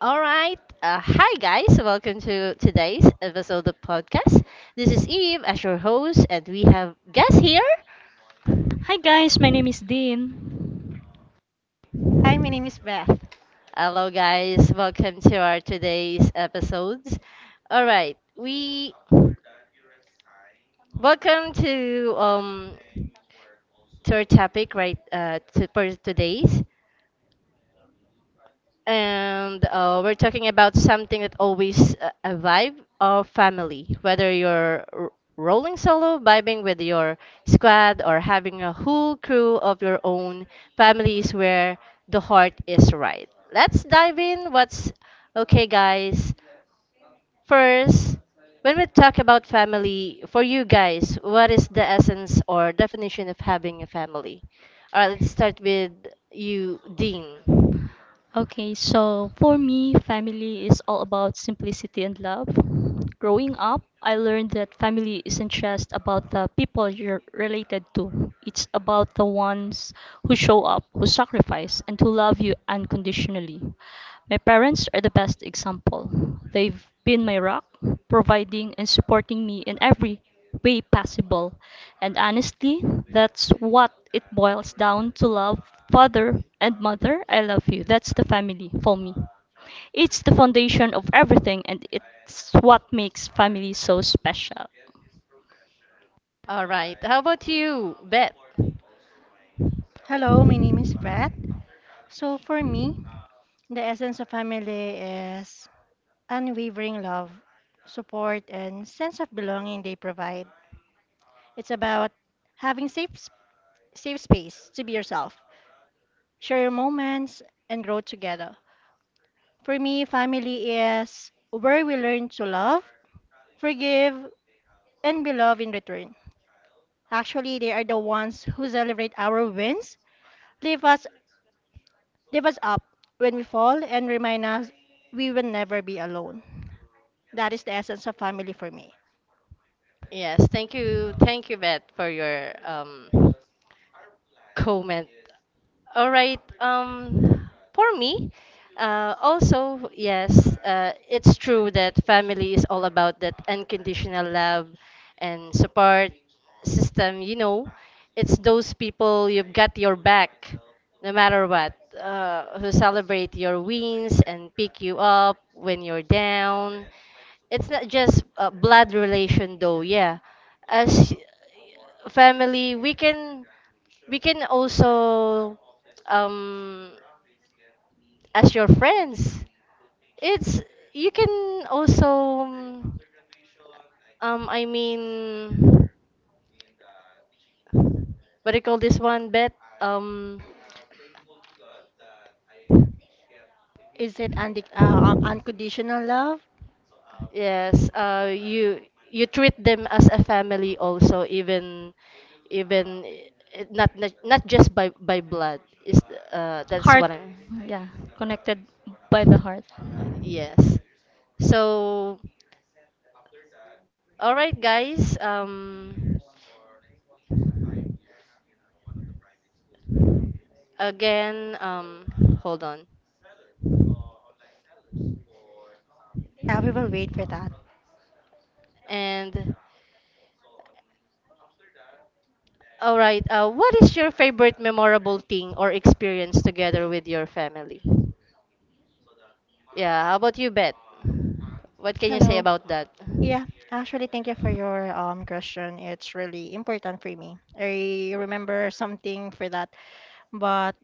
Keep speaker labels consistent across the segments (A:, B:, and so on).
A: All right. Hi, guys. Welcome to today's episode of podcast. This is Eve as your host, and we have guests here.
B: Hi guys, my name is Dean.
C: Hi, my name is Beth.
A: Hello, guys. Welcome to our today's episodes. All right. We welcome to our topic, right, to for today's. And we're talking about something that always a vibe or family, whether you're rolling solo, vibing with your squad, or having a whole crew of your own. Family is where the heart is, right? Let's dive in. What's okay, guys? First, when we talk about family, for you guys, what is the essence or definition of having a family? All right, let's start with you, Dean.
B: Okay, so for me, family is all about simplicity and love. Growing up, I learned that family isn't just about the people you're related to. It's about the ones who show up, who sacrifice, and who love you unconditionally. My parents are the best example. They've been my rock, providing and supporting me in every way possible. And honestly, that's what it boils down to love. Father and mother, I love you. That's the family for me. It's the foundation of everything and it's what makes family so special.
A: All right, how about you, Beth?
C: Hello, my name is Beth. So, for me, the essence of family is unwavering love, support, and sense of belonging they provide. It's about having safe, safe space to be yourself, share your moments, and grow together. For me, family is where we learn to love, forgive, and be loved in return. Actually, they are the ones who celebrate our wins, leave us lift us up when we fall and remind us we will never be alone. That is the essence of family for me.
A: Yes, thank you, Beth, for your comment. All right, for me, also, yes, it's true that family is all about that unconditional love and support system. You know, it's those people you've got your back, no matter what, who celebrate your wins and pick you up when you're down. It's not just a blood relation though, yeah. As family, we can also um as your friends. It's you can also um I mean, what do you call this one, bet? um
C: Is it unconditional love?
A: Yes, you you treat them as a family also, even not just by blood. Is that's
B: Heart,
A: what I'm.
B: yeah, connected by the heart.
A: Yes. So, all right, guys. Again. Hold on.
C: Yeah, we will wait for that.
A: And all right. What is your favorite memorable thing or experience together with your family? Yeah, how about you, Bet? What can you say
C: Hello.
A: about that?
C: Yeah, actually, thank you for your question. It's really important for me. I remember something for that, but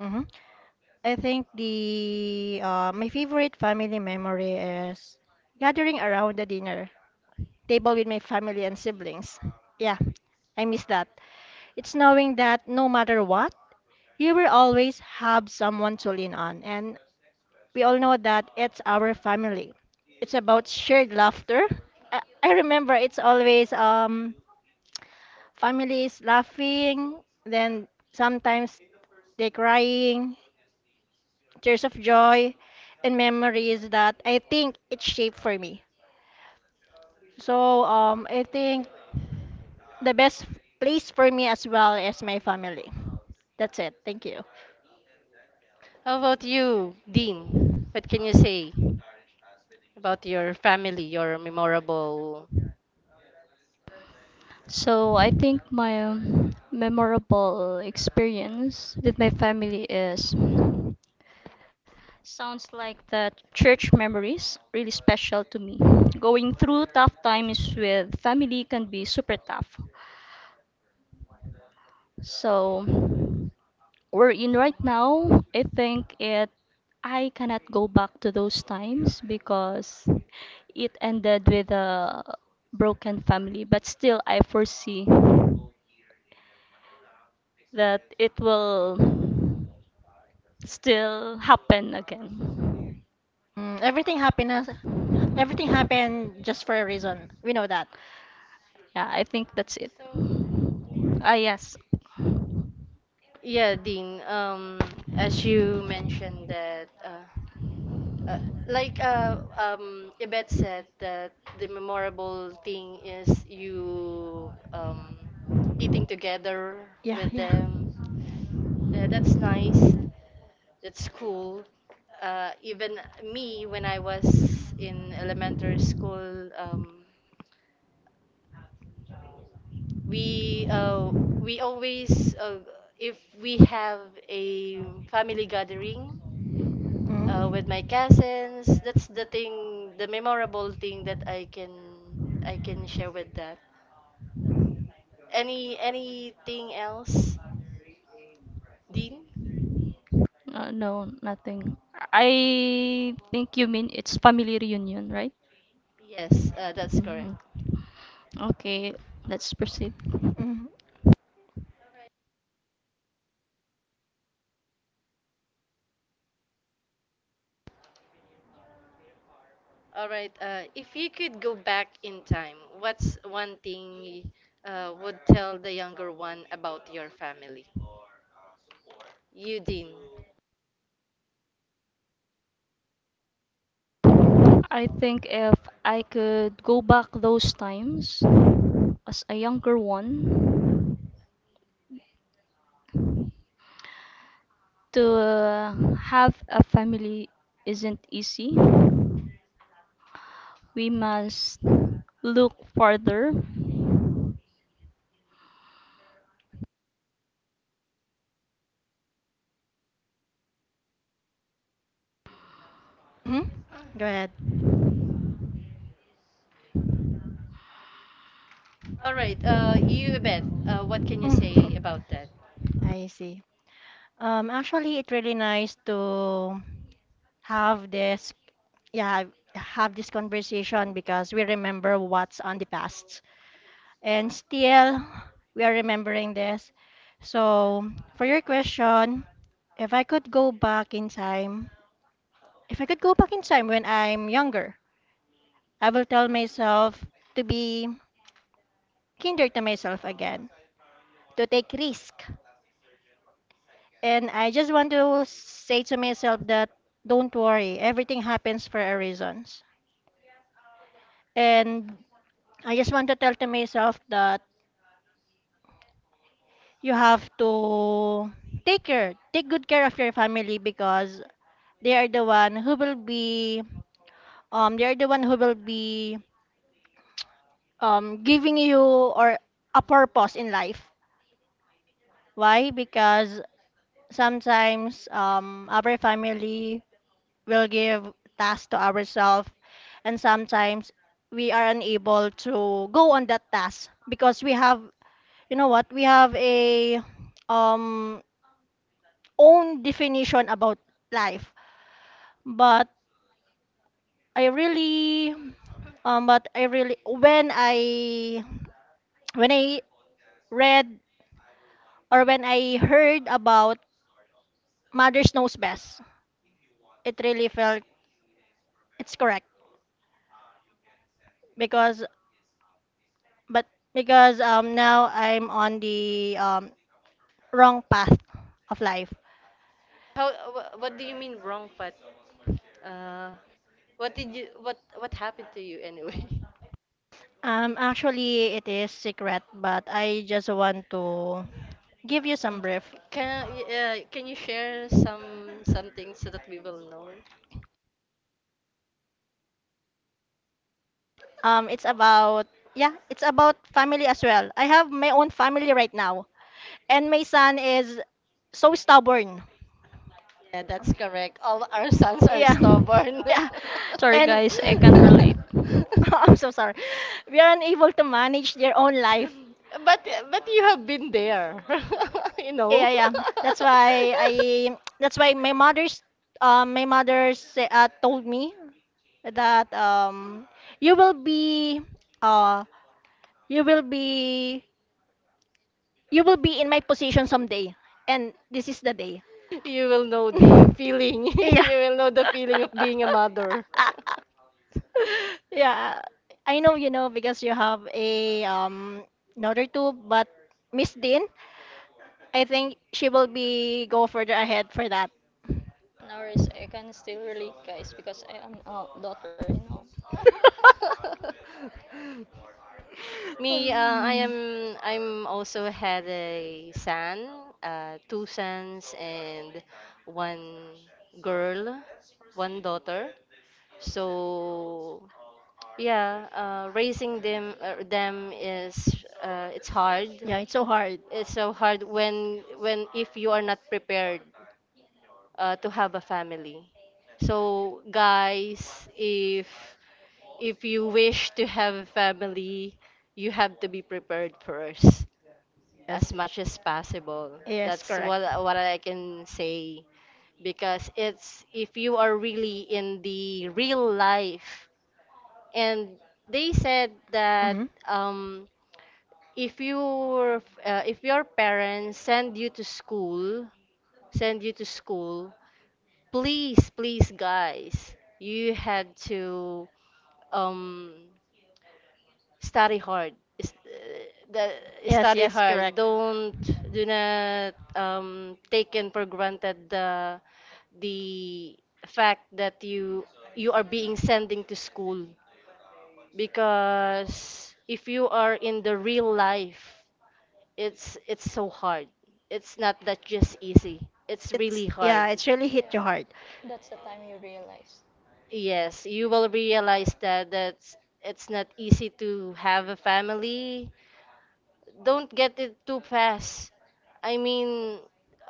C: mhm. I think the my favorite family memory is gathering around the dinner table with my family and siblings. Yeah, I miss that. It's knowing that no matter what, you will always have someone to lean on. And we all know that it's our family. It's about shared laughter. I remember it's always families laughing, then sometimes they crying, tears of joy, and memories that I think it shaped for me. So I think the best place for me as well is my family. That's it. Thank you.
A: How about you, Dean? What can you say about your family, your memorable?
B: So I think my memorable experience with my family is sounds like that church memories really special to me. Going through tough times with family can be super tough. So we're in right now, I think it I cannot go back to those times because it ended with a broken family, but still I foresee that it will still happen again.
C: Mm, everything happiness. Everything happened just for a reason. We know that.
B: Yeah, I think that's it. Ah, yes.
A: Yeah, Dean. As you mentioned that, uh, like Ibet said that the memorable thing is you eating together
C: Yeah,
A: with
C: yeah.
A: them. Yeah, that's nice. That's cool. Even me, when I was in elementary school, we uh, we always if we have a family gathering
C: Mm,
A: with my cousins, that's the thing, the memorable thing that I can share with that. Anything else, Dean?
B: No, nothing. I think you mean it's family reunion, right?
A: Yes, that's correct.
B: Mhm. Okay, let's proceed.
C: mm,
A: All right. If you could go back in time, what's one thing you would tell the younger one about your family? You, Dean.
B: I think if I could go back those times as a younger one, to have a family isn't easy. We must look farther.
C: mm. Go ahead.
A: All right. You, bet. What can you say
C: Mm.
A: about that?
C: I see. Actually, it's really nice to have this, yeah, have this conversation because we remember what's on the past, and still we are remembering this. So, for your question, if I could go back in time, if I could go back in time when I'm younger, I will tell myself to be kinder to myself again, to take risk. And I just want to say to myself that don't worry, everything happens for a reasons. And I just want to tell to myself that you have to take care, take good care of your family because they are the one who will be giving you or a purpose in life. Why? Because sometimes our family will give tasks to ourselves, and sometimes we are unable to go on that task because we have, you know what, we have a um, own definition about life. But I really, I really, when I read or when I heard about Mothers Knows Best, it really felt it's correct because but because now I'm on the wrong path of life.
A: How? Wha What do you mean wrong, Pat? Uh, what did you? What happened to you anyway?
C: Actually it is secret, but I just want to give you some brief.
A: Can you share something so that we will know?
C: It's about yeah, it's about family as well. I have my own family right now and my son is so stubborn.
A: Yeah, that's correct. All our sons are
C: Yeah.
A: stubborn.
C: Yeah.
B: Sorry,
C: And
B: guys, I can't relate.
C: I'm so sorry. We are unable to manage their own life.
A: But you have been there, you know.
C: Yeah, yeah. That's why I. That's why my mother's. My mother say, told me that you will be. Uh, you will be. You will be in my position someday, and this is the day.
A: You will know the feeling.
C: yeah.
A: You will know the feeling of being a mother.
C: yeah. I know you know because you have a another two, but Miss Dean, I think she will be go further ahead for that.
B: No, Norris, I can still relate, guys, because I am a daughter, you know.
A: Me, I
C: Um,
A: am. I'm also had a son, two sons and one girl, one daughter. So yeah, raising them is it's hard.
C: yeah, it's so hard.
A: It's so hard when if you are not prepared to have a family. So guys, if you wish to have a family, you have to be prepared first,
C: Yes,
A: as much as possible.
C: yes,
A: That's
C: correct.
A: what I can say, because it's if you are really in the real life and they said that
C: Hmm.
A: um if your parents send you to school, send you to school, please, please, guys, you have to um study hard. Is- uh, The,
C: Yes,
A: Study
C: yes,
A: hard.
C: correct.
A: Don't Do not take in for granted the the fact that you are being sending to school, because if you are in the real life, it's so hard. It's not that just easy. It's really hard.
C: Yeah, it's really hit
B: Yeah,
C: you hard.
B: that's the time you realize.
A: Yes, you will realize that that's it's not easy to have a family. Don't get it too fast. I mean,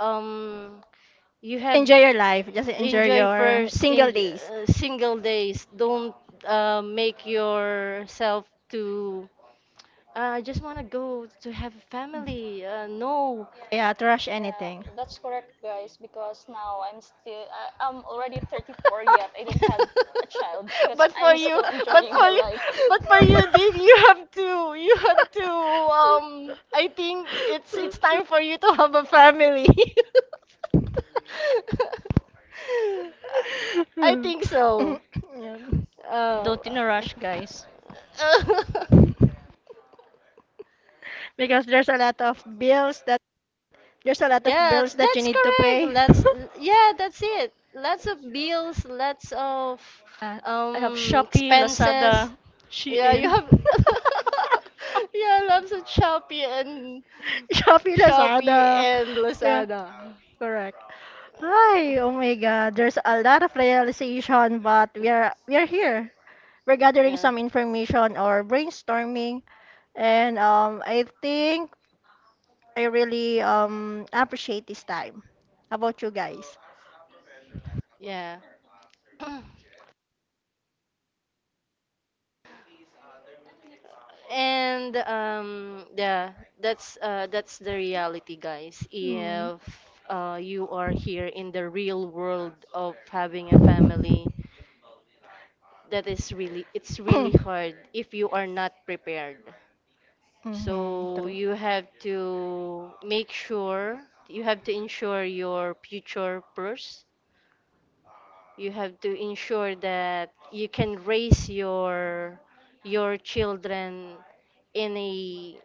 A: um, you have
C: Enjoy your life. Just enjoy
A: enjoy
C: your
A: first in
C: single days.
A: single days. Don't make yourself to. I just want to go to have a family. No.
C: Yeah, to rush
B: Yeah,
C: anything.
B: that's correct, guys. Because now I'm already 34 yet. I don't have a child because
A: but for
B: I'm
A: you,
B: still
A: but
B: enjoying my
A: for
B: life.
A: you, but for you, Dean, you have to, you have to. Um, I think it's time for you to have a family. I think so.
C: Yeah.
A: Uh,
B: Don't in a rush, guys.
C: Because there's a lot of
A: Yeah,
C: bills that you
A: that's
C: need to
A: correct.
C: pay.
A: That's it. Lots of bills, lots of
B: Uh, I have Shopee, Lazada,
A: expenses. Yeah, you
B: Shein.
A: have yeah, lots of Shopee and
C: Shopee
A: Shopee
C: Lazada.
A: and
C: Yeah,
A: Lazada.
C: correct. Hi, oh my God, there's a lot of realization, but we are here. We're gathering
A: Yeah,
C: some information or brainstorming, and I think I really appreciate this time. How about you guys?
A: yeah. And yeah, that's the reality, guys.
C: Hmm.
A: If you are here in the real world of having a family, that is really it's really hard if you are not prepared.
C: Mm-hmm,
A: So
C: true.
A: you have to make sure you have to ensure your future first. You have to ensure that you can raise your children in a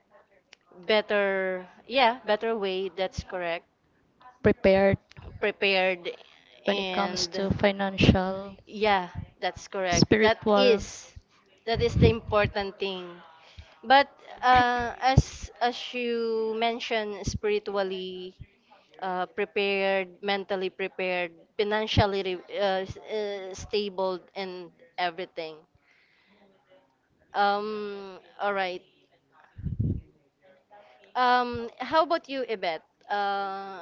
A: better, yeah, better way. That's correct,
B: Prepared
A: prepared
B: when it comes
A: and
B: to financial,
A: yeah, that's correct. That
B: spiritual.
A: is that is the important thing. But as you mentioned, spiritually prepared, mentally prepared, financially stable and everything. All right. How about you, Ibet? uh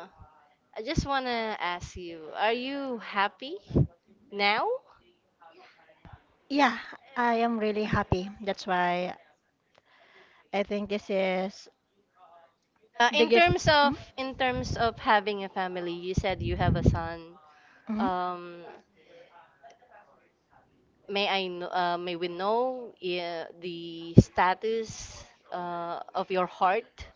A: I just want to ask you, are you happy now?
C: Yeah, I am really happy. That's why I think this is the
A: In
C: gift.
A: terms
C: Mhm.
A: of in terms of having a family, you said you have a son.
C: Mhm.
A: Um, may I know, may we know the status of your heart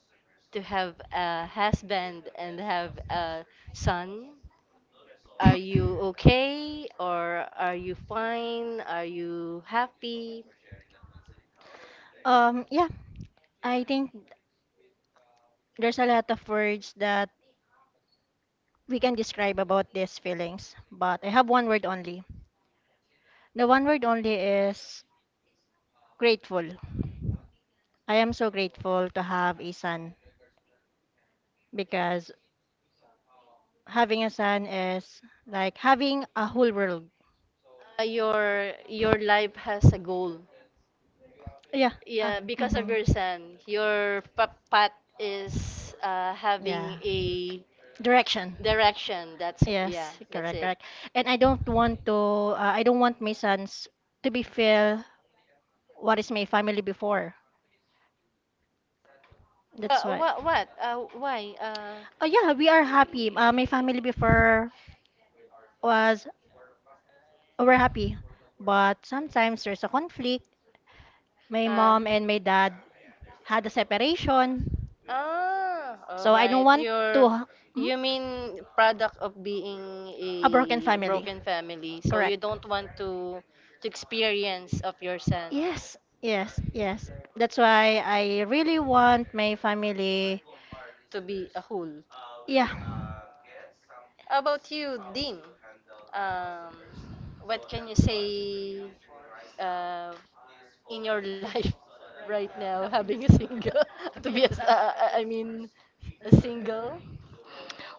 A: to have a husband and have a son? Are you okay or are you fine? Are you happy?
C: Yeah, I think there's a lot of words that we can describe about these feelings, but I have one word only. The one word only is grateful. I am so grateful to have a son because having a son is like having a whole world.
A: Your life has a goal.
C: Yeah. Uh,
A: Yeah, because of
C: mm-hmm.
A: your son, your papat is having
C: Yeah.
A: a
C: Direction.
A: direction. That's yeah,
C: Yes,
A: that's
C: correct,
A: it.
C: correct. And I don't want to, I don't want my sons to be feel what is my family before. That's why.
A: What? What? Why?
C: Yeah, we are happy. My family before was we're happy, but sometimes there's a conflict. My
A: Uh,
C: mom and my dad had a separation,
A: ah, all
C: so I don't
A: right.
C: want to
A: Your
C: hmm?
A: you mean product of being
C: A broken
A: a
C: family.
A: broken family, so you
C: Correct.
A: don't want to experience of your son
C: Yes, yes, yes. That's why I really want my family.
A: to be a whole.
C: Yeah.
A: How about you, Dean? Um, what can you say uh, in your life right now, having a single, to be a s I mean, a single?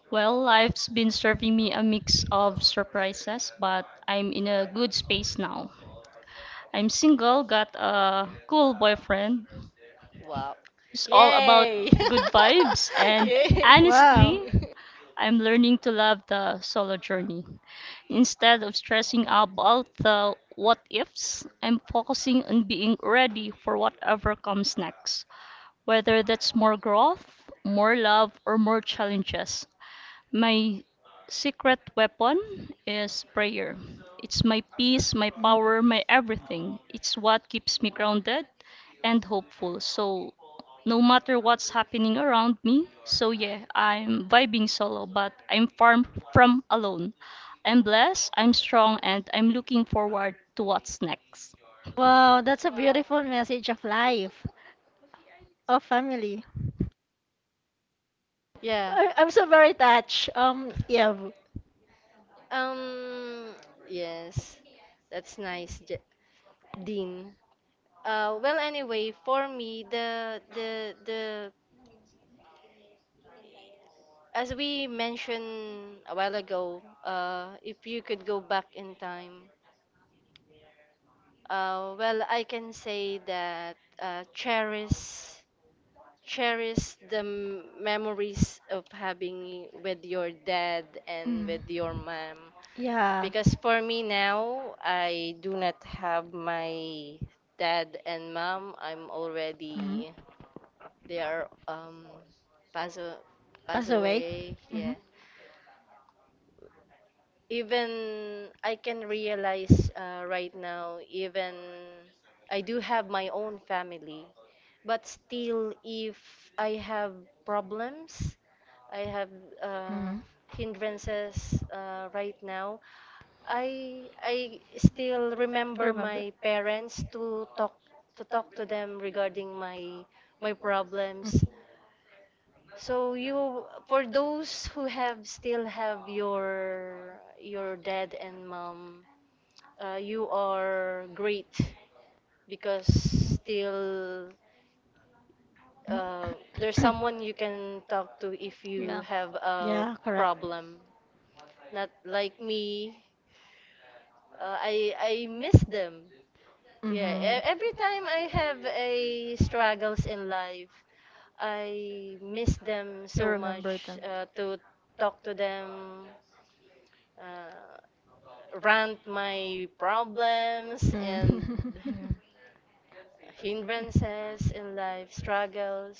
B: Well, life's been serving me a mix of surprises, but I'm in a good space now. I'm single, got a cool boyfriend
A: Wow.
B: who's all about
A: Yay!
B: good vibes, and
A: Yay!
C: Wow.
B: honestly, I'm learning to love the solo journey. Instead of stressing about the what ifs, I'm focusing on being ready for whatever comes next, whether that's more growth, more love, or more challenges. My secret weapon is prayer. It's my peace, my power, my everything. It's what keeps me grounded and hopeful. So, no matter what's happening around me, so yeah, I'm vibing solo, but I'm far from alone. I'm blessed, I'm strong, and I'm looking forward to what's next.
C: Wow, that's a beautiful message of life, of family.
A: Yeah.
C: I'm so very touched. Yeah.
A: Um, yes. That's nice, Dean. Well, anyway, for me, the as we mentioned a while ago, if you could go back in time, well, I can say that cherish the memories of having with your dad and
C: Mm.
A: with your mom.
C: Yeah.
A: Because for me now, I do not have my dad and mom. I'm
C: Mm-hmm.
A: already they are pass a- pass
C: Pass away.
A: away,
C: Mm-hmm.
A: yeah. Even I can realize right now, even I do have my own family, but still, if I have problems, I have uh,
C: Mm-hmm.
A: hindrances right now. I still remember my parents to talk to them regarding my problems. So you, for those who have still have your dad and mom, you are great because still uh, there's someone you can talk to if you have a
C: Yeah, correct.
A: problem. Not like me, I miss them. Yeah,
C: Mm-hmm.
A: every time I have a struggles in life, I miss them so much to talk to them, uh, rant my problems
C: Mm.
A: and
B: Yeah,
A: hindrances in life, struggles.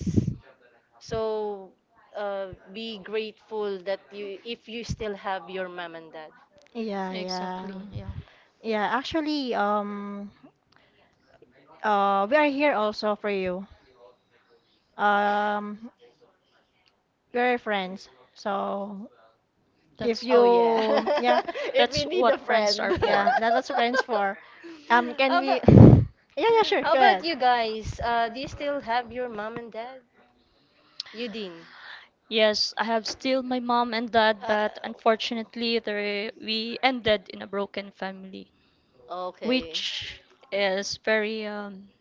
A: So be grateful that you if you still have your mom and dad.
C: Yeah, yeah.
B: exactly. Yeah,
C: Yeah, actually, we are here also for you. Um, we're friends. So if
B: that's…
A: Oh yeah,
C: you, yeah,
A: if you need a friend.
C: yeah, that was friends for. Can
A: how about
C: we? Yeah, yeah, sure.
A: how
C: Go
A: about
C: ahead.
A: you guys? Do you still have your mom and dad? You
B: Yes, I have still my mom and dad,
A: Uh,
B: but unfortunately, there we ended in a broken family,
A: okay.
B: which is very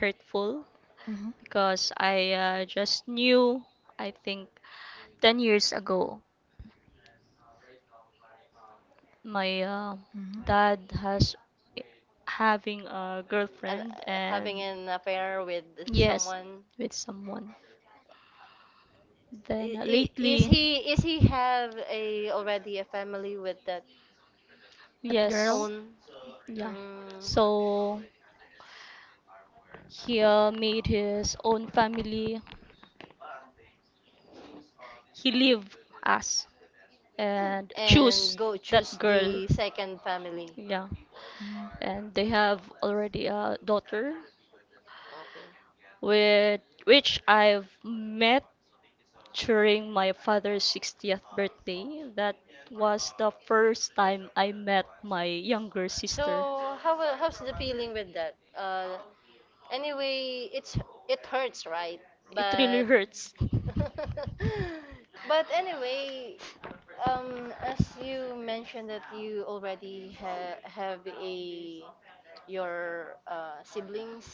B: hurtful
C: Mm-hmm.
B: because I just knew, I think, 10 years ago, my
C: Mm-hmm.
B: dad has having a
A: an,
B: girlfriend, and
A: Having an affair with
B: yes,
A: someone.
B: with someone. Then
A: Is
B: lately,
A: he have a already a family with that
C: That girl.
B: yes,
A: own?
B: yeah.
A: Mm,
B: So. Here made his own family. He leave us and
A: and
B: choose
A: go
B: that
A: choose
B: girl.
A: the second family.
B: Yeah, and they have already a daughter,
A: Okay.
B: with which I've met during my father's 60th birthday. That was the first time I met my younger sister.
A: So how's the feeling with that Anyway, it's it hurts, right?
B: It really
A: But
B: hurts.
A: but anyway, as you mentioned that you already ha have a your siblings,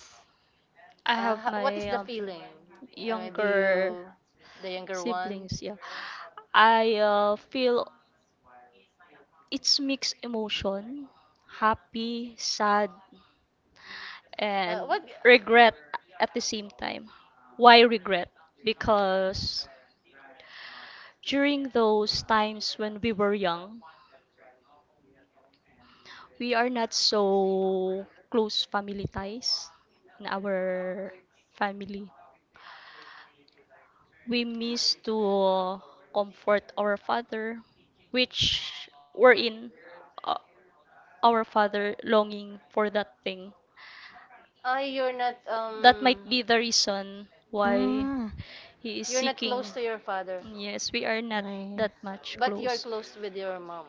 B: I have
A: what is
B: my
A: the feeling? I mean, do
B: younger
A: you, the younger one?
B: siblings, yeah. I feel it's mixed emotion, happy, sad, and
A: What?
B: regret at the same time. Why regret? Because during those times when we were young, we are not so close family ties in our family. We miss to comfort our father, which were in uh, our father longing for that thing.
A: Ah,
B: That might be the reason why
C: Mm-hmm. Mm.
B: he is
A: you're not close
B: seeking.
A: to your father,
B: Yes, we are not
C: I,
B: that much
A: but you're
B: close.
A: close with your mom,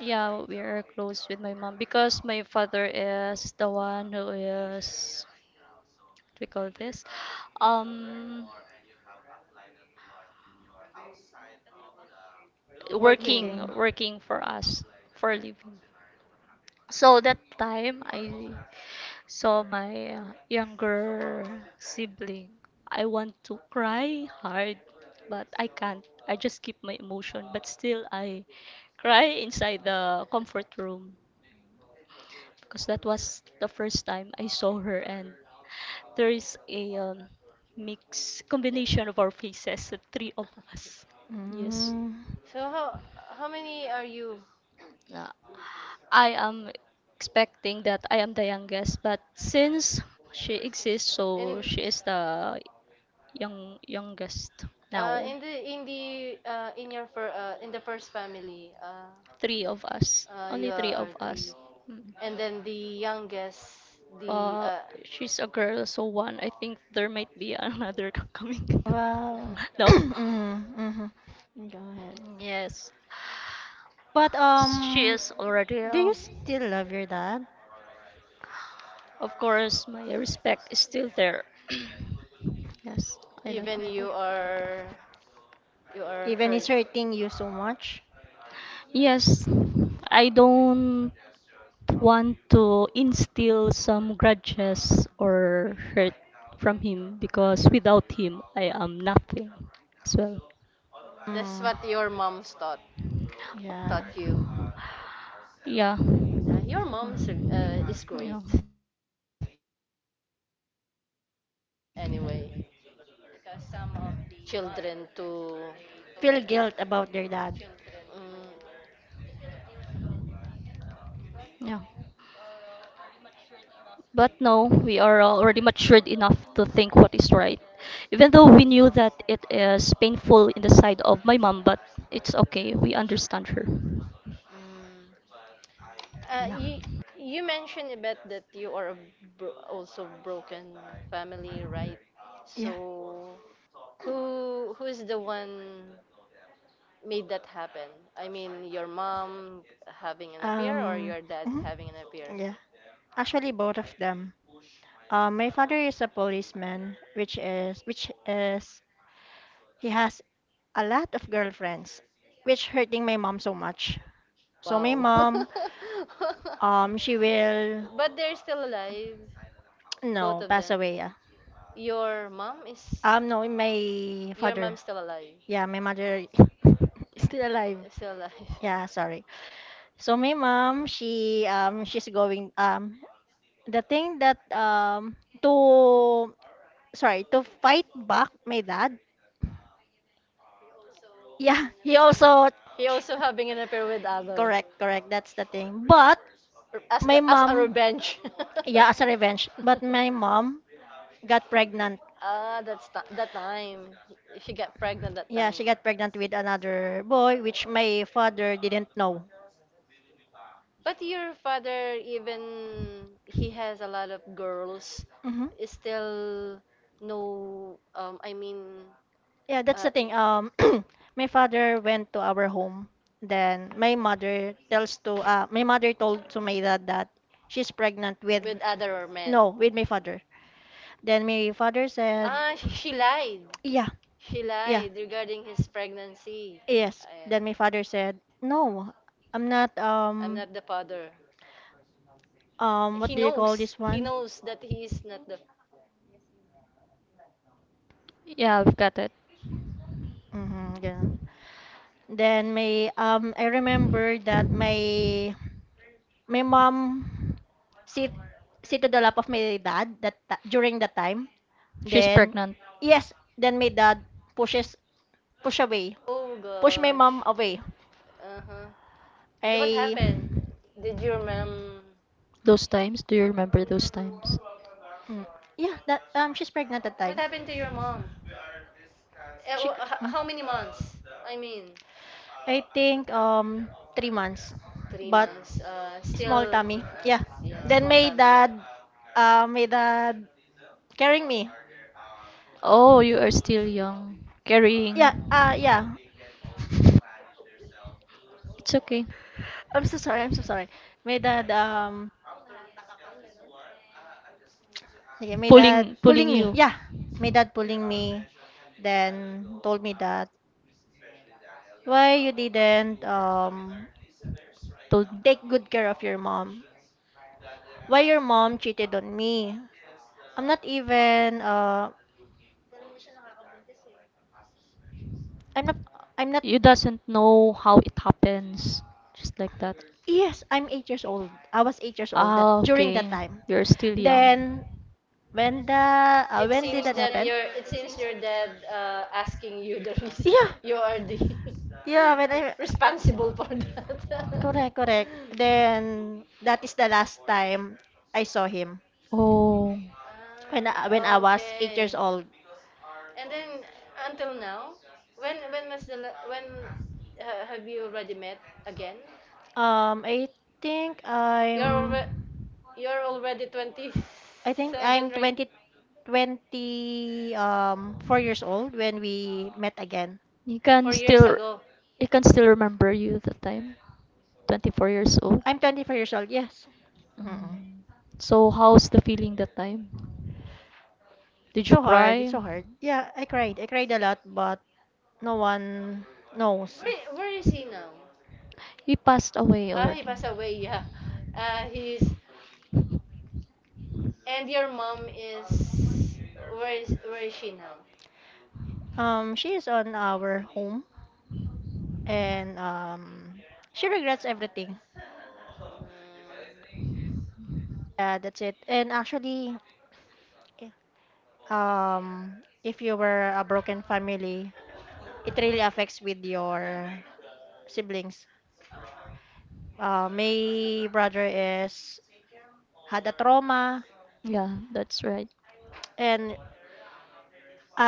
B: Yeah, we are close with my mom because my father is the one who is what we call this um
A: working.
C: okay.
B: working for us for a living. So that time I… So my younger sibling, I want to cry hard, but I can't. I just keep my emotion, but still I cry inside the comfort room because that was the first time I saw her and there is a mix combination of our faces, the three of us. Yes.
C: Mm,
A: So how many are you?
B: Uh, I am expecting that I am the youngest, but since she exists, so
A: In
B: she is the youngest now.
A: in the in the in your in the first family
B: Three of us,
A: you
B: only three
A: are
B: of
A: three,
B: us. Mm.
A: and then the youngest, the
B: Uh, she's a girl, so one. I think there might be another coming.
C: wow.
B: No.
C: mm, hmm.
B: Yes,
C: But
B: she is already.
C: do you still love your dad?
B: Of course, my respect is still there. Yes, I love my.
A: even you are
C: Even
A: hurt.
C: he's hurting you so much?
B: Yes, I don't want to instill some grudges or hurt from him because without him I am nothing as well.
A: That's
C: Mm,
A: what your moms
C: yeah.
A: taught you.
B: Yeah.
A: Your mom's is great
B: Yeah.
A: anyway, because some of the mother, they told their children to
C: Feel guilt about their dad.
A: mm,
B: Yeah. But no, we are already matured enough to think what is right. Even though we knew that it is painful in the side of my mom, but it's okay. We understand her.
A: mm.
B: Yeah.
A: Uh, you you mentioned a bit that you are a also broken family, right?
C: Yeah.
A: So who is the one made that happen? I mean, your mom having an affair or
C: Um,
A: your dad
C: mhm,
A: having an affair?
C: yeah. Actually, both of them. My father is a policeman, which is he has a lot of girlfriends, which hurting my mom so much. So my
A: Wow.
C: mom, she will
A: but they're still alive, both
C: no
A: of
C: pass
A: them.
C: away.
A: Your mom is
C: No, my
A: your
C: father.
A: mom's still alive.
C: Yeah, my mother is still alive.
A: Still alive.
C: Yeah, sorry. So my mom, she's going the thing that to sorry, to fight back my dad. Yeah, he also
A: He also having an affair with other.
C: correct, correct. That's the thing. But my
A: As a
C: mom,
A: revenge.
C: yeah, as a revenge. But my mom got pregnant.
A: Ah, that's ti that time. She got pregnant that
C: Yeah, she
A: time.
C: got pregnant with another boy, which my father didn't know.
A: But your father, even he has a lot of girls,
C: Mm-hmm.
A: is still no. I mean,
C: Yeah, that's
A: uh,
C: the thing. My father went to our home. Then my mother told to my dad that she's pregnant with
A: with other men.
C: no with my father. Then my father said,
A: Ah, she lied.
C: yeah,
A: He
C: yeah,
A: lied regarding his pregnancy.
C: yes.
A: Ayan.
C: Then my father said, no, I'm not.
A: I'm not the father.
C: What
A: He
C: do you call
A: knows.
C: this
A: He
C: one?
A: knows that he is not the.
B: Yeah, we've got it.
C: Mm-hmm, yeah. Then my I remember that my mom sit sit to the lap of my dad that during that time.
B: She's
C: Then,
B: pregnant.
C: yes, then my dad pushes push away,
A: Oh
C: push my mom
A: gosh.
C: away.
A: Uh huh. And then what
C: I,
A: happened? Did your mom?
B: Those times, do you remember those times?
C: mm, yeah, that she's pregnant at that time.
A: What happened to your mom?
C: She, c- mm,
A: How many months? I mean,
C: I think 3 months,
A: three
C: but
A: months.
C: small
A: Still,
C: tummy. Yeah.
A: yeah,
C: Then
A: small time yet.
C: my dad carrying me.
B: Oh, you are still young, carrying.
C: Yeah, yeah.
B: It's okay.
C: I'm so sorry. I'm so sorry. My dad, yeah my dad
B: Pulling, pulling
C: pulling me.
B: you.
C: Yeah, my dad pulling me. Then told me that why you didn't
B: Told
C: take good care of your mom? Why your mom cheated on me? I'm not even uh I'm not I'm not
B: you doesn't know how it happens, just like that.
C: yes, I'm 8 years old. I was 8 years old that
B: Ah,
C: during that
B: okay.
C: time.
B: You're still young.
C: Then when the
A: It
C: when did
A: seems
C: that
A: that
C: happen?
A: you're it seems your dad asking you the reason
C: Yeah.
A: you are the
C: Yeah, when I
A: responsible for that.
C: correct, correct. Then that is the last time I saw him
B: Oh,
C: when I was 8
A: Okay.
C: years old.
A: And then until now, when was the when have you already met again?
C: Um I think
A: You're
C: I'm
A: already you're already
C: I think
A: 27,
C: I'm
A: right now.
C: twenty twenty, four years old when we met again.
B: you can
A: 4 years
B: still,
A: ago.
B: you can still remember you the time. 24 years old.
C: I'm 24 years old, yes. Mm-mm.
B: Mm. So how's the feeling that time?
C: It's
B: Did you
C: so hard, it's
B: cry?
C: so hard. Yeah, I cried. I cried a lot, but no one knows.
A: Where is he now?
B: He passed away
A: Ah, he
B: already.
A: passed away. Yeah. He's and your mom is, where is she now?
C: She is on our home and she regrets everything. Yeah, that's it. And actually, if you were a broken family, it really affects with your siblings. My brother is had a trauma,
B: Yeah, that's right.
C: and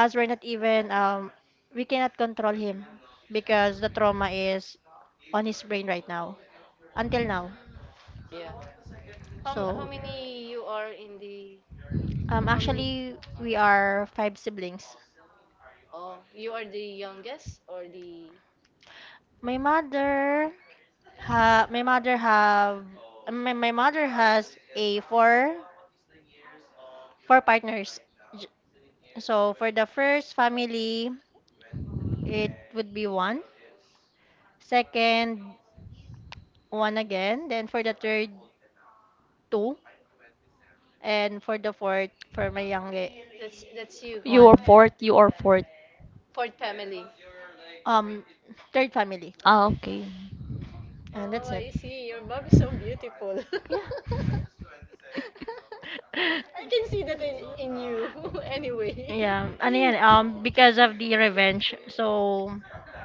C: as we're not even we cannot control him because the trauma is on his brain right now until now.
A: Mm, yeah. How
C: So
A: many you are in the? How many?
C: actually we are 5 siblings.
A: Oh, you are the youngest or the?
C: My mother my mother have my mother has a four partners. J- So for the first family, it would be one. Second, one again. Then for the third, two. And for the fourth for my youngest
A: That's you.
B: You are
C: one
B: fourth, you are fourth.
A: Fourth family.
C: um third family
B: Ah, okay.
C: and
A: Oh,
C: that's it
A: I see. Your mom is so beautiful.
C: yeah.
A: I can see that in you anyway.
C: Yeah, ano yan, because of the revenge. So,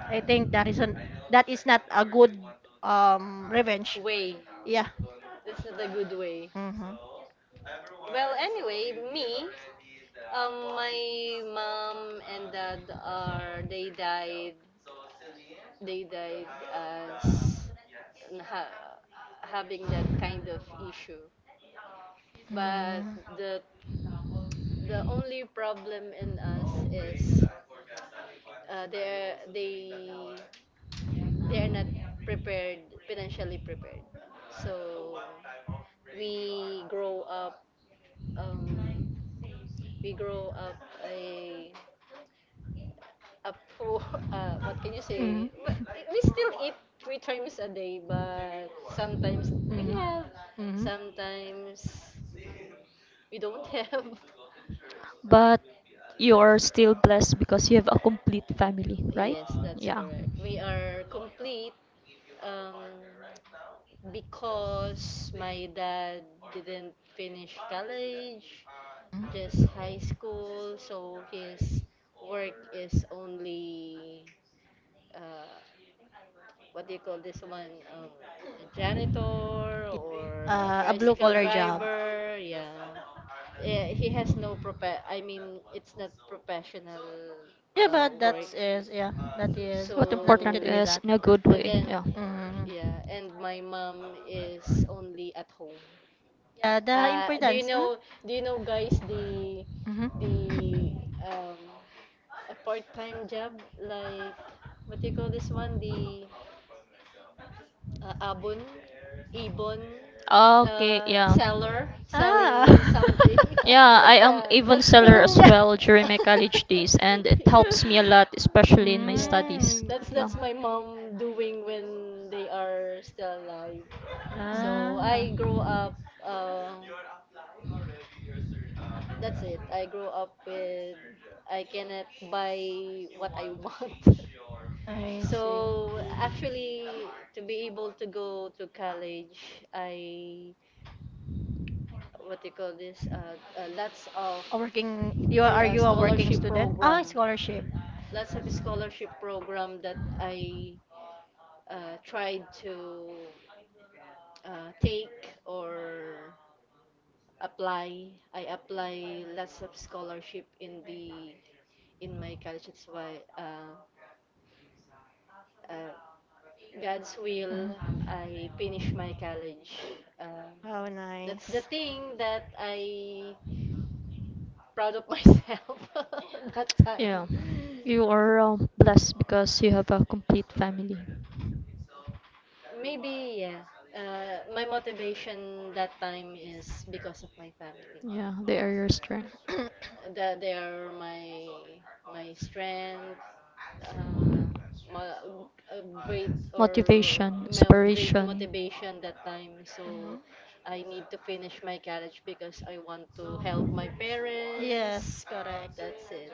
C: I think that is isn't that is not a good revenge.
A: Way.
C: Yeah.
A: That's not a good way.
C: Mm-hmm.
A: Well, anyway, me, my mom and dad, are they died. They died as, n- having that kind of issue. But
C: Mm.
A: the the only problem in us is uh, they they they are not prepared, financially prepared. So we grow up, um, we grow up a a poor, what can you say? Well,
C: Mm.
A: we still eat three times a day, but sometimes we
C: Mm.
A: have,
C: Mm.
A: sometimes we don't have.
B: But you are still blessed because you have a complete family, right?
A: Yes, that's
B: Yeah.
A: correct. We are complete, um, because my dad didn't finish college, just high school, so his work is only, uh, what do you call this one? A janitor or a
C: A blue
A: tricycle
C: collar job.
A: driver. Yeah. He has no it's not professional
C: Yeah but
A: work.
C: that's is yeah that is
B: What
C: nothing to
B: important
A: So,
C: do with
B: is
C: that.
B: in a good
A: and
B: way.
A: then,
B: Yeah.
C: Mm-hmm.
A: yeah, and my mom is only at home.
C: Yeah, the
A: Do you
C: importance. Mm?
A: know? Do you know, guys?
C: Hmm.
A: The um, a part-time job like what do you call this one, the abon ibon
B: Okay, yeah.
A: seller,
C: Ah.
A: selling something.
B: Yeah, I am
A: Yeah,
B: even
A: that's
B: seller
C: Mm,
B: as
C: yeah.
B: well during my college days, and it helps me a lot, especially in my
A: yeah,
B: studies.
C: Mm.
A: that's
B: Yeah.
A: that's my mom doing when they are still alive. So
C: Ah,
A: I grow
B: Mm.
A: up. That's it. I grow up with, I cannot buy what I want.
C: I see.
A: So actually, to be able to go to college, I, what do you call this? Lots of
C: A working, you are you a working
A: scholarship
C: student? Ah,
A: program,
C: scholarship.
A: lots of scholarship program that I tried to take or apply. I apply lots of scholarship in the, in my college. That's why uh, God's will.
C: Mhm.
A: I finish my college. Um,
C: How
A: that's the
C: nice.
A: thing that I proud of myself that time.
B: Yeah, you are blessed because you have a complete family.
A: Maybe yeah. My motivation that time is because of my family.
B: Yeah, they are your strength,
A: That they are my my strength, uh, my great or
B: motivation,
A: my great
B: inspiration.
A: motivation that time. So
C: Mhm.
A: I need to finish my college because I want to help my parents.
C: Yes, correct.
A: That's it.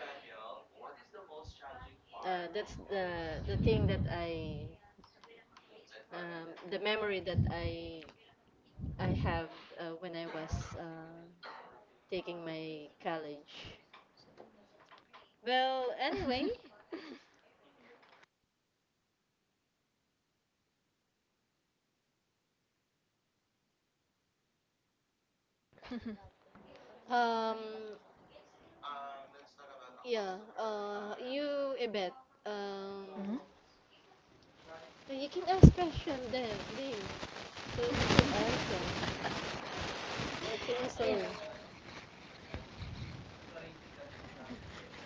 A: That's the thing that I, the memory that I have when I was taking my college. Well, anyway,
C: Mhm.
A: um, yeah, you Ibet, um, you can ask question then, Ding, so we can answer. What can you
C: Yeah.
A: say?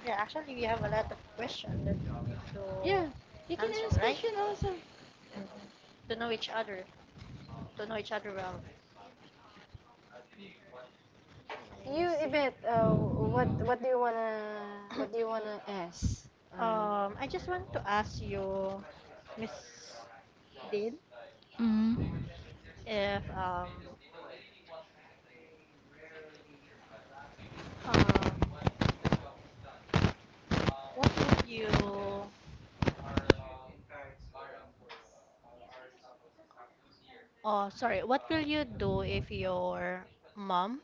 C: Yeah, actually, we have a lot of questions that we need
A: Yeah, you
C: to
A: can
C: answer,
A: ask
C: right?
A: question also.
C: Mm-hmm. To know each other, to know each other well. Let me
A: You
C: see.
A: Ibet, what what do you wanna ask? Um,
C: I just want to ask you, Miss Dean,
B: Mm.
C: if um, what would you? Oh, sorry. What will you do if your mom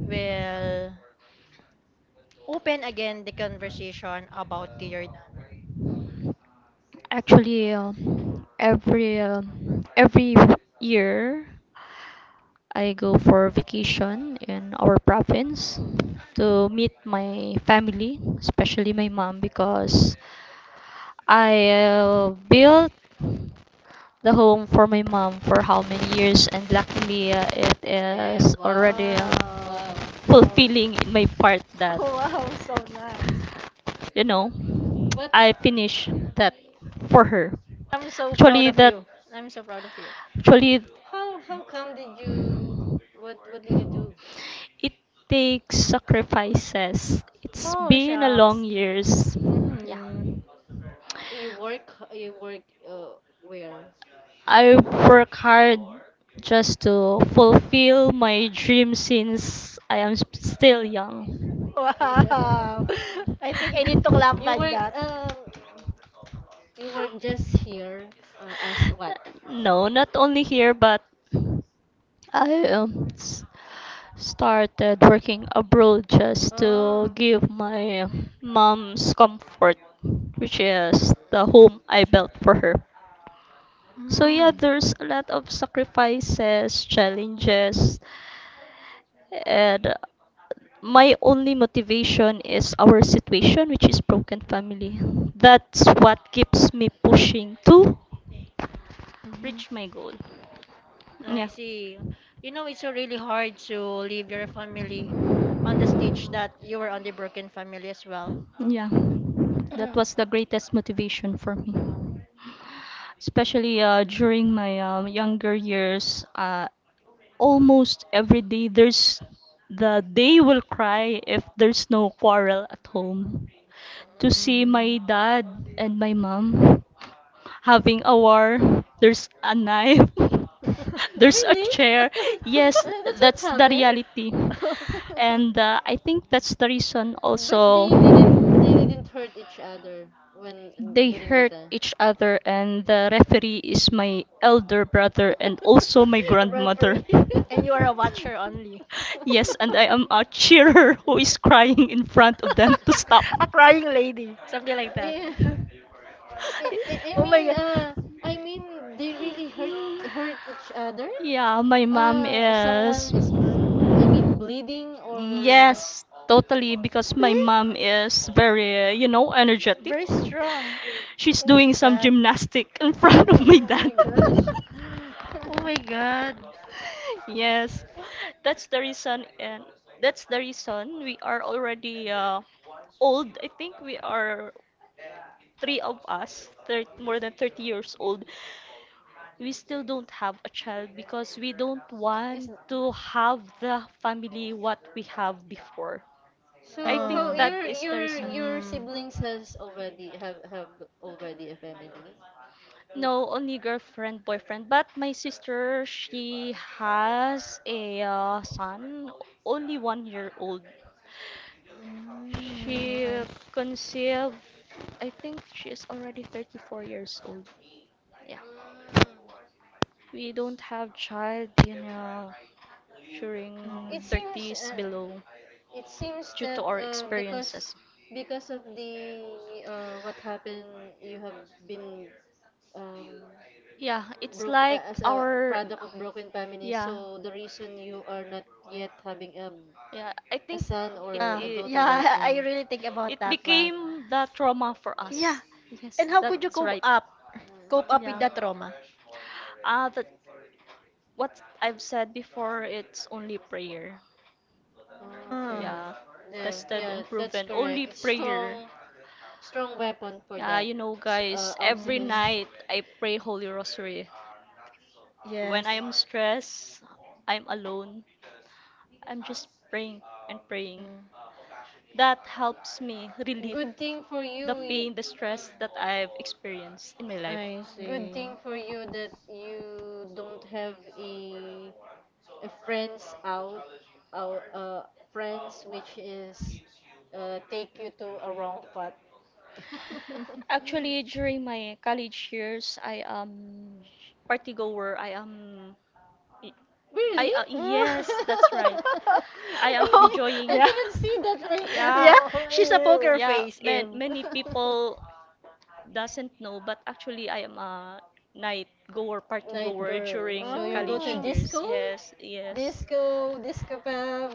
C: will open again the conversation about your?
B: Actually, every uh, every year I go for vacation in our province to meet my family, especially my mom, because I built the home for my mom for how many years, and luckily it
A: yeah,
B: is
A: wow,
B: already
C: Wow!
A: wow.
C: Wow!
B: fulfilling in my part that
C: Wow! So nice.
B: you know
A: What?
B: I finish that for her.
C: I'm so proud
B: Actually,
C: of
B: that
C: you. I'm so proud of you.
B: Actually,
A: How come did you, what did you do?
B: it takes sacrifices. It's
C: Oh,
B: been a long
C: shucks.
B: years. Yeah.
C: Hmm.
A: You work uh where?
B: I work hard just to fulfill my dream since I am still young.
A: Yeah.
C: Wow. I think I need to clap
A: You
C: like
A: work
C: that.
A: uh you work just here, as what?
B: No, not only here, but I started working abroad just to
A: Oh.
B: give my mom's comfort, which is the home I built for her. So yeah,
C: Mm.
B: there's a lot of sacrifices, challenges, and my only motivation is our situation, which is broken family. That's what keeps me pushing to
C: Hmm.
B: reach my goal.
C: I
B: Yeah,
C: see. You know, it's so really hard to leave your family on the stage that you were on the broken family as well.
B: yeah. That was the greatest motivation for me, especially during my younger years. Almost every day, there's the day will cry if there's no quarrel at home to see
C: Hmm.
B: my dad and my mom having a war. There's a knife. There's a really?
A: Really?
B: Chair.
A: That's,
B: Yes,
A: that's what
B: that's the
A: happened?
B: reality. And I think that's the reason
A: But
B: also
A: they didn't hurt each other when
B: they
A: during the
B: hurt
A: time.
B: each other and the referee is my elder brother and also my
A: Referee.
B: grandmother.
C: and you are a watcher only.
B: Yes, and I am a cheerer who is crying in front of them to stop.
C: a crying lady, something like that.
A: Yeah. I, I I
C: Oh my
A: mean
C: god.
A: uh I mean they really hurt,
B: Each…
A: hurt each other.
B: Yeah, my mom
A: Uh, someone
B: is.
A: is bleeding or,
B: Yes, totally, because my
C: Really?
B: mom is very, you know, energetic.
C: Very strong.
B: She's
C: Oh my
B: doing some
C: god.
B: gymnastic in front of my
A: oh
B: dad.
A: my gosh.
C: Oh my god.
B: Yes, that's the reason, and that's the reason we are already old. I think we are three of us, thir more than 30 years old. We still don't have a child because we don't want
A: Is
B: to have the family what we have before. I
A: so,
B: think
A: how
C: Oh.
B: that
A: your
B: is the
A: your
B: reason.
A: your
C: Mm.
A: siblings has already have already a family? No.
B: No, only girlfriend, boyfriend. But my sister, she has a son, only 1 year old.
C: Mm,
B: She
C: I s-
B: conceived, I think she is already 34 years old. Yeah. We don't
A: Mm.
B: have child in during
C: mm.
A: It seems
B: 30s
A: uh,
B: below
A: it seems
B: due to
A: that
B: our experiences.
A: because of the what happened, you have been, um,
B: Yeah, it's
A: broke
B: like
A: as a
B: our
A: product of broken family.
B: yeah
A: So the reason you are not yet having
B: yeah.
A: a son or
C: Yeah,
A: a
B: It,
A: daughter right
C: yeah, I
A: now.
C: really think about
B: it
C: that one.
B: became the trauma for
C: Yeah.
B: us. Yes,
C: And how could you
B: that's
C: cope
B: right.
C: up? Cope up with
B: Yeah.
C: that trauma?
A: Ah.
B: That what I've said before, it's only prayer.
A: Okay.
C: Ah.
B: Yeah,
A: Yeah,
B: tested
A: yeah,
B: and
A: that's
B: proven. Only
A: correct. It's
B: prayer.
A: strong, strong weapon for
B: Yeah,
A: that
B: you know, guys, every
C: Mm.
A: obstacles.
B: night I pray Holy Rosary.
C: Yes.
B: When I am stressed, I'm alone, I'm just praying and praying.
C: Mm.
B: That helps me
A: Mhm.
B: relieve
A: Good thing for you. Mm.
B: pain, the stress that I've experienced in my life.
C: I
A: Good
C: see.
A: thing for you that you don't have a friends out, out friends which is take you to a wrong path.
B: Actually,
A: Really?
B: during my college years, I am party goer. I am. I
A: Really?
C: Mm.
B: yes, that's right. I am
C: Oh,
A: I
B: enjoying.
C: yeah.
A: cannot see that right
C: Yeah,
B: Yeah,
A: now in
C: she's a poker
B: yeah.
C: face,
B: Man,
C: Ev.
A: you.
B: many people doesn't know, but actually I am a night goer, party
A: Night
B: goer
A: girl.
B: during
A: So you go to
B: college
C: Oh.
B: years.
A: disco,
B: Yes,
A: disco, disco pub,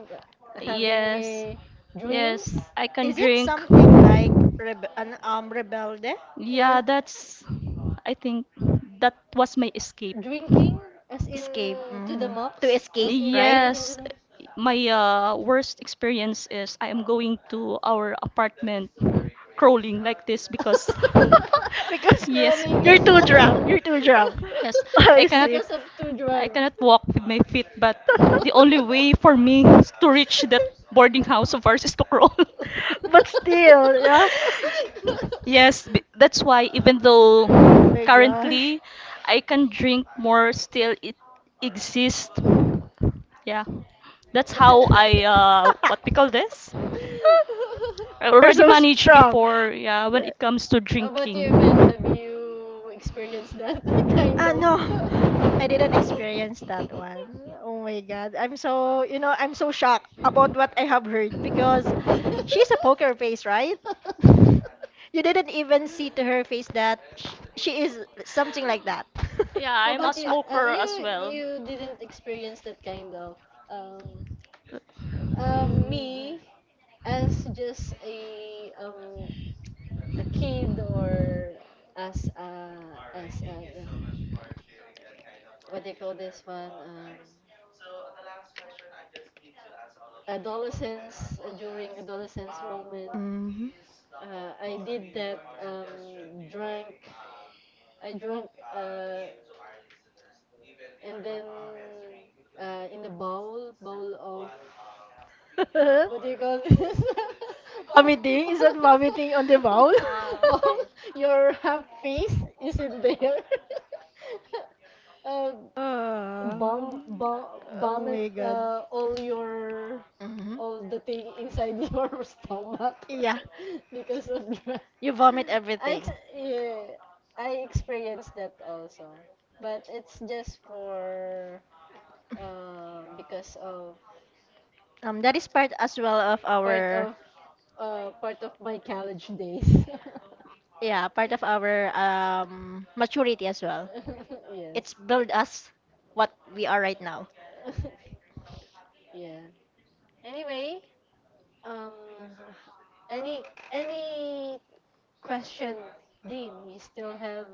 A: having
B: yes,
A: a drinks.
B: yes. I can
C: Is it
B: drink.
C: something like rebe an rebelde?
B: Yeah,
A: Yeah,
B: that's. I think that was my escape.
A: drinking as in
C: Escape.
A: to the
C: Mhm. To
A: mops,
C: escape,
A: as in
C: right?
A: drinking to
B: Yes,
A: the
B: my worst experience is I am going to our apartment crawling like this.
C: Because
B: Yes,
A: crawling,
C: you're too drunk. You're too drunk.
B: yes. I
C: I
B: cannot
C: see.
A: because of two
B: I
A: drugs.
B: cannot walk with my feet, but the only way for me is to reach that boarding house of ours is to crawl.
C: But still, yeah. Oh
B: Yes, that's why even though
C: my gosh.
B: currently I can drink more, still it exists. Yeah, that's how I what we call this. I
C: You're
B: already
C: so
B: managed
C: strong.
B: before. Yeah, when it comes to
A: How about
B: drinking.
A: you, Beth? Have you experienced that kind
C: Ah,
A: of?
C: no. I didn't experience that one. Oh my God. I'm so, you know, I'm so shocked about what I have heard because she's a poker face, right? You didn't even see to her face that she is something like that.
B: Yeah,
A: How
B: I'm a
A: about you?
B: smoker
A: You
B: as well.
A: you didn't experience that kind of. Um,
C: Mm.
A: Me as just a kid, or as a what do you call this one? Adolescence, during adolescence moment,
C: Mhm.
A: I did that drank, I drank uh and then in a bowl, bowl of what do you call this,
C: Vomiting? Is that vomiting on the bowl?
A: bowl, your half face is in there, um bomb
C: um,
A: bomb,
C: oh
A: bomb it,
C: my God.
A: all your
C: Hmm.
A: all the thing inside your stomach
C: Yeah,
A: because of drug.
C: you vomit
A: I ex-
C: everything.
A: yeah, I experienced that also, but it's just for because of
C: That is part as well of
A: part
C: our,
A: of part of my college days.
C: yeah, part of our maturity as well.
A: Yes.
C: It's build us what we are right now.
A: Yeah. Anyway, Um, any any question, Dean? You still have?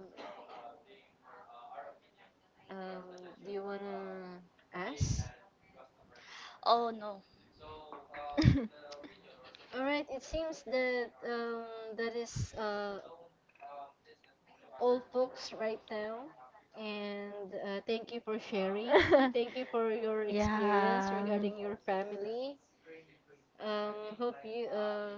A: Um, do you wanna ask?
B: Oh no.
A: All right. It seems that that is all folks right now. And thank you for sharing. Thank you for your experience
C: yeah.
A: regarding your family. Hope you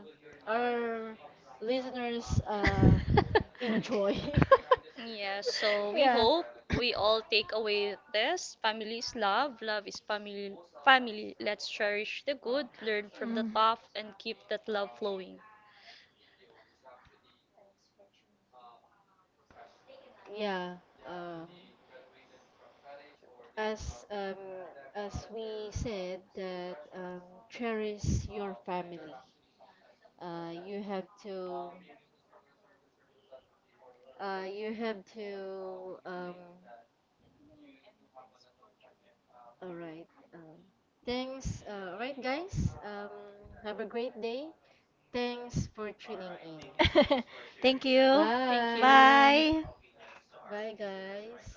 A: our listeners enjoy.
B: Yes, so we
C: yeah.
B: hope we all take away this. Family is love. Love is family. Family. Let's cherish the good, learn from the
C: Mm.
B: tough, and keep that love flowing.
A: Yeah. Uh, as as we said that cherish your family. You have to you have to all right. Um, Thanks. All right, guys. Have a great day. Thanks for tuning in.
C: Thank you.
B: Thank you.
A: Bye.
C: Bye.
A: Bye, guys.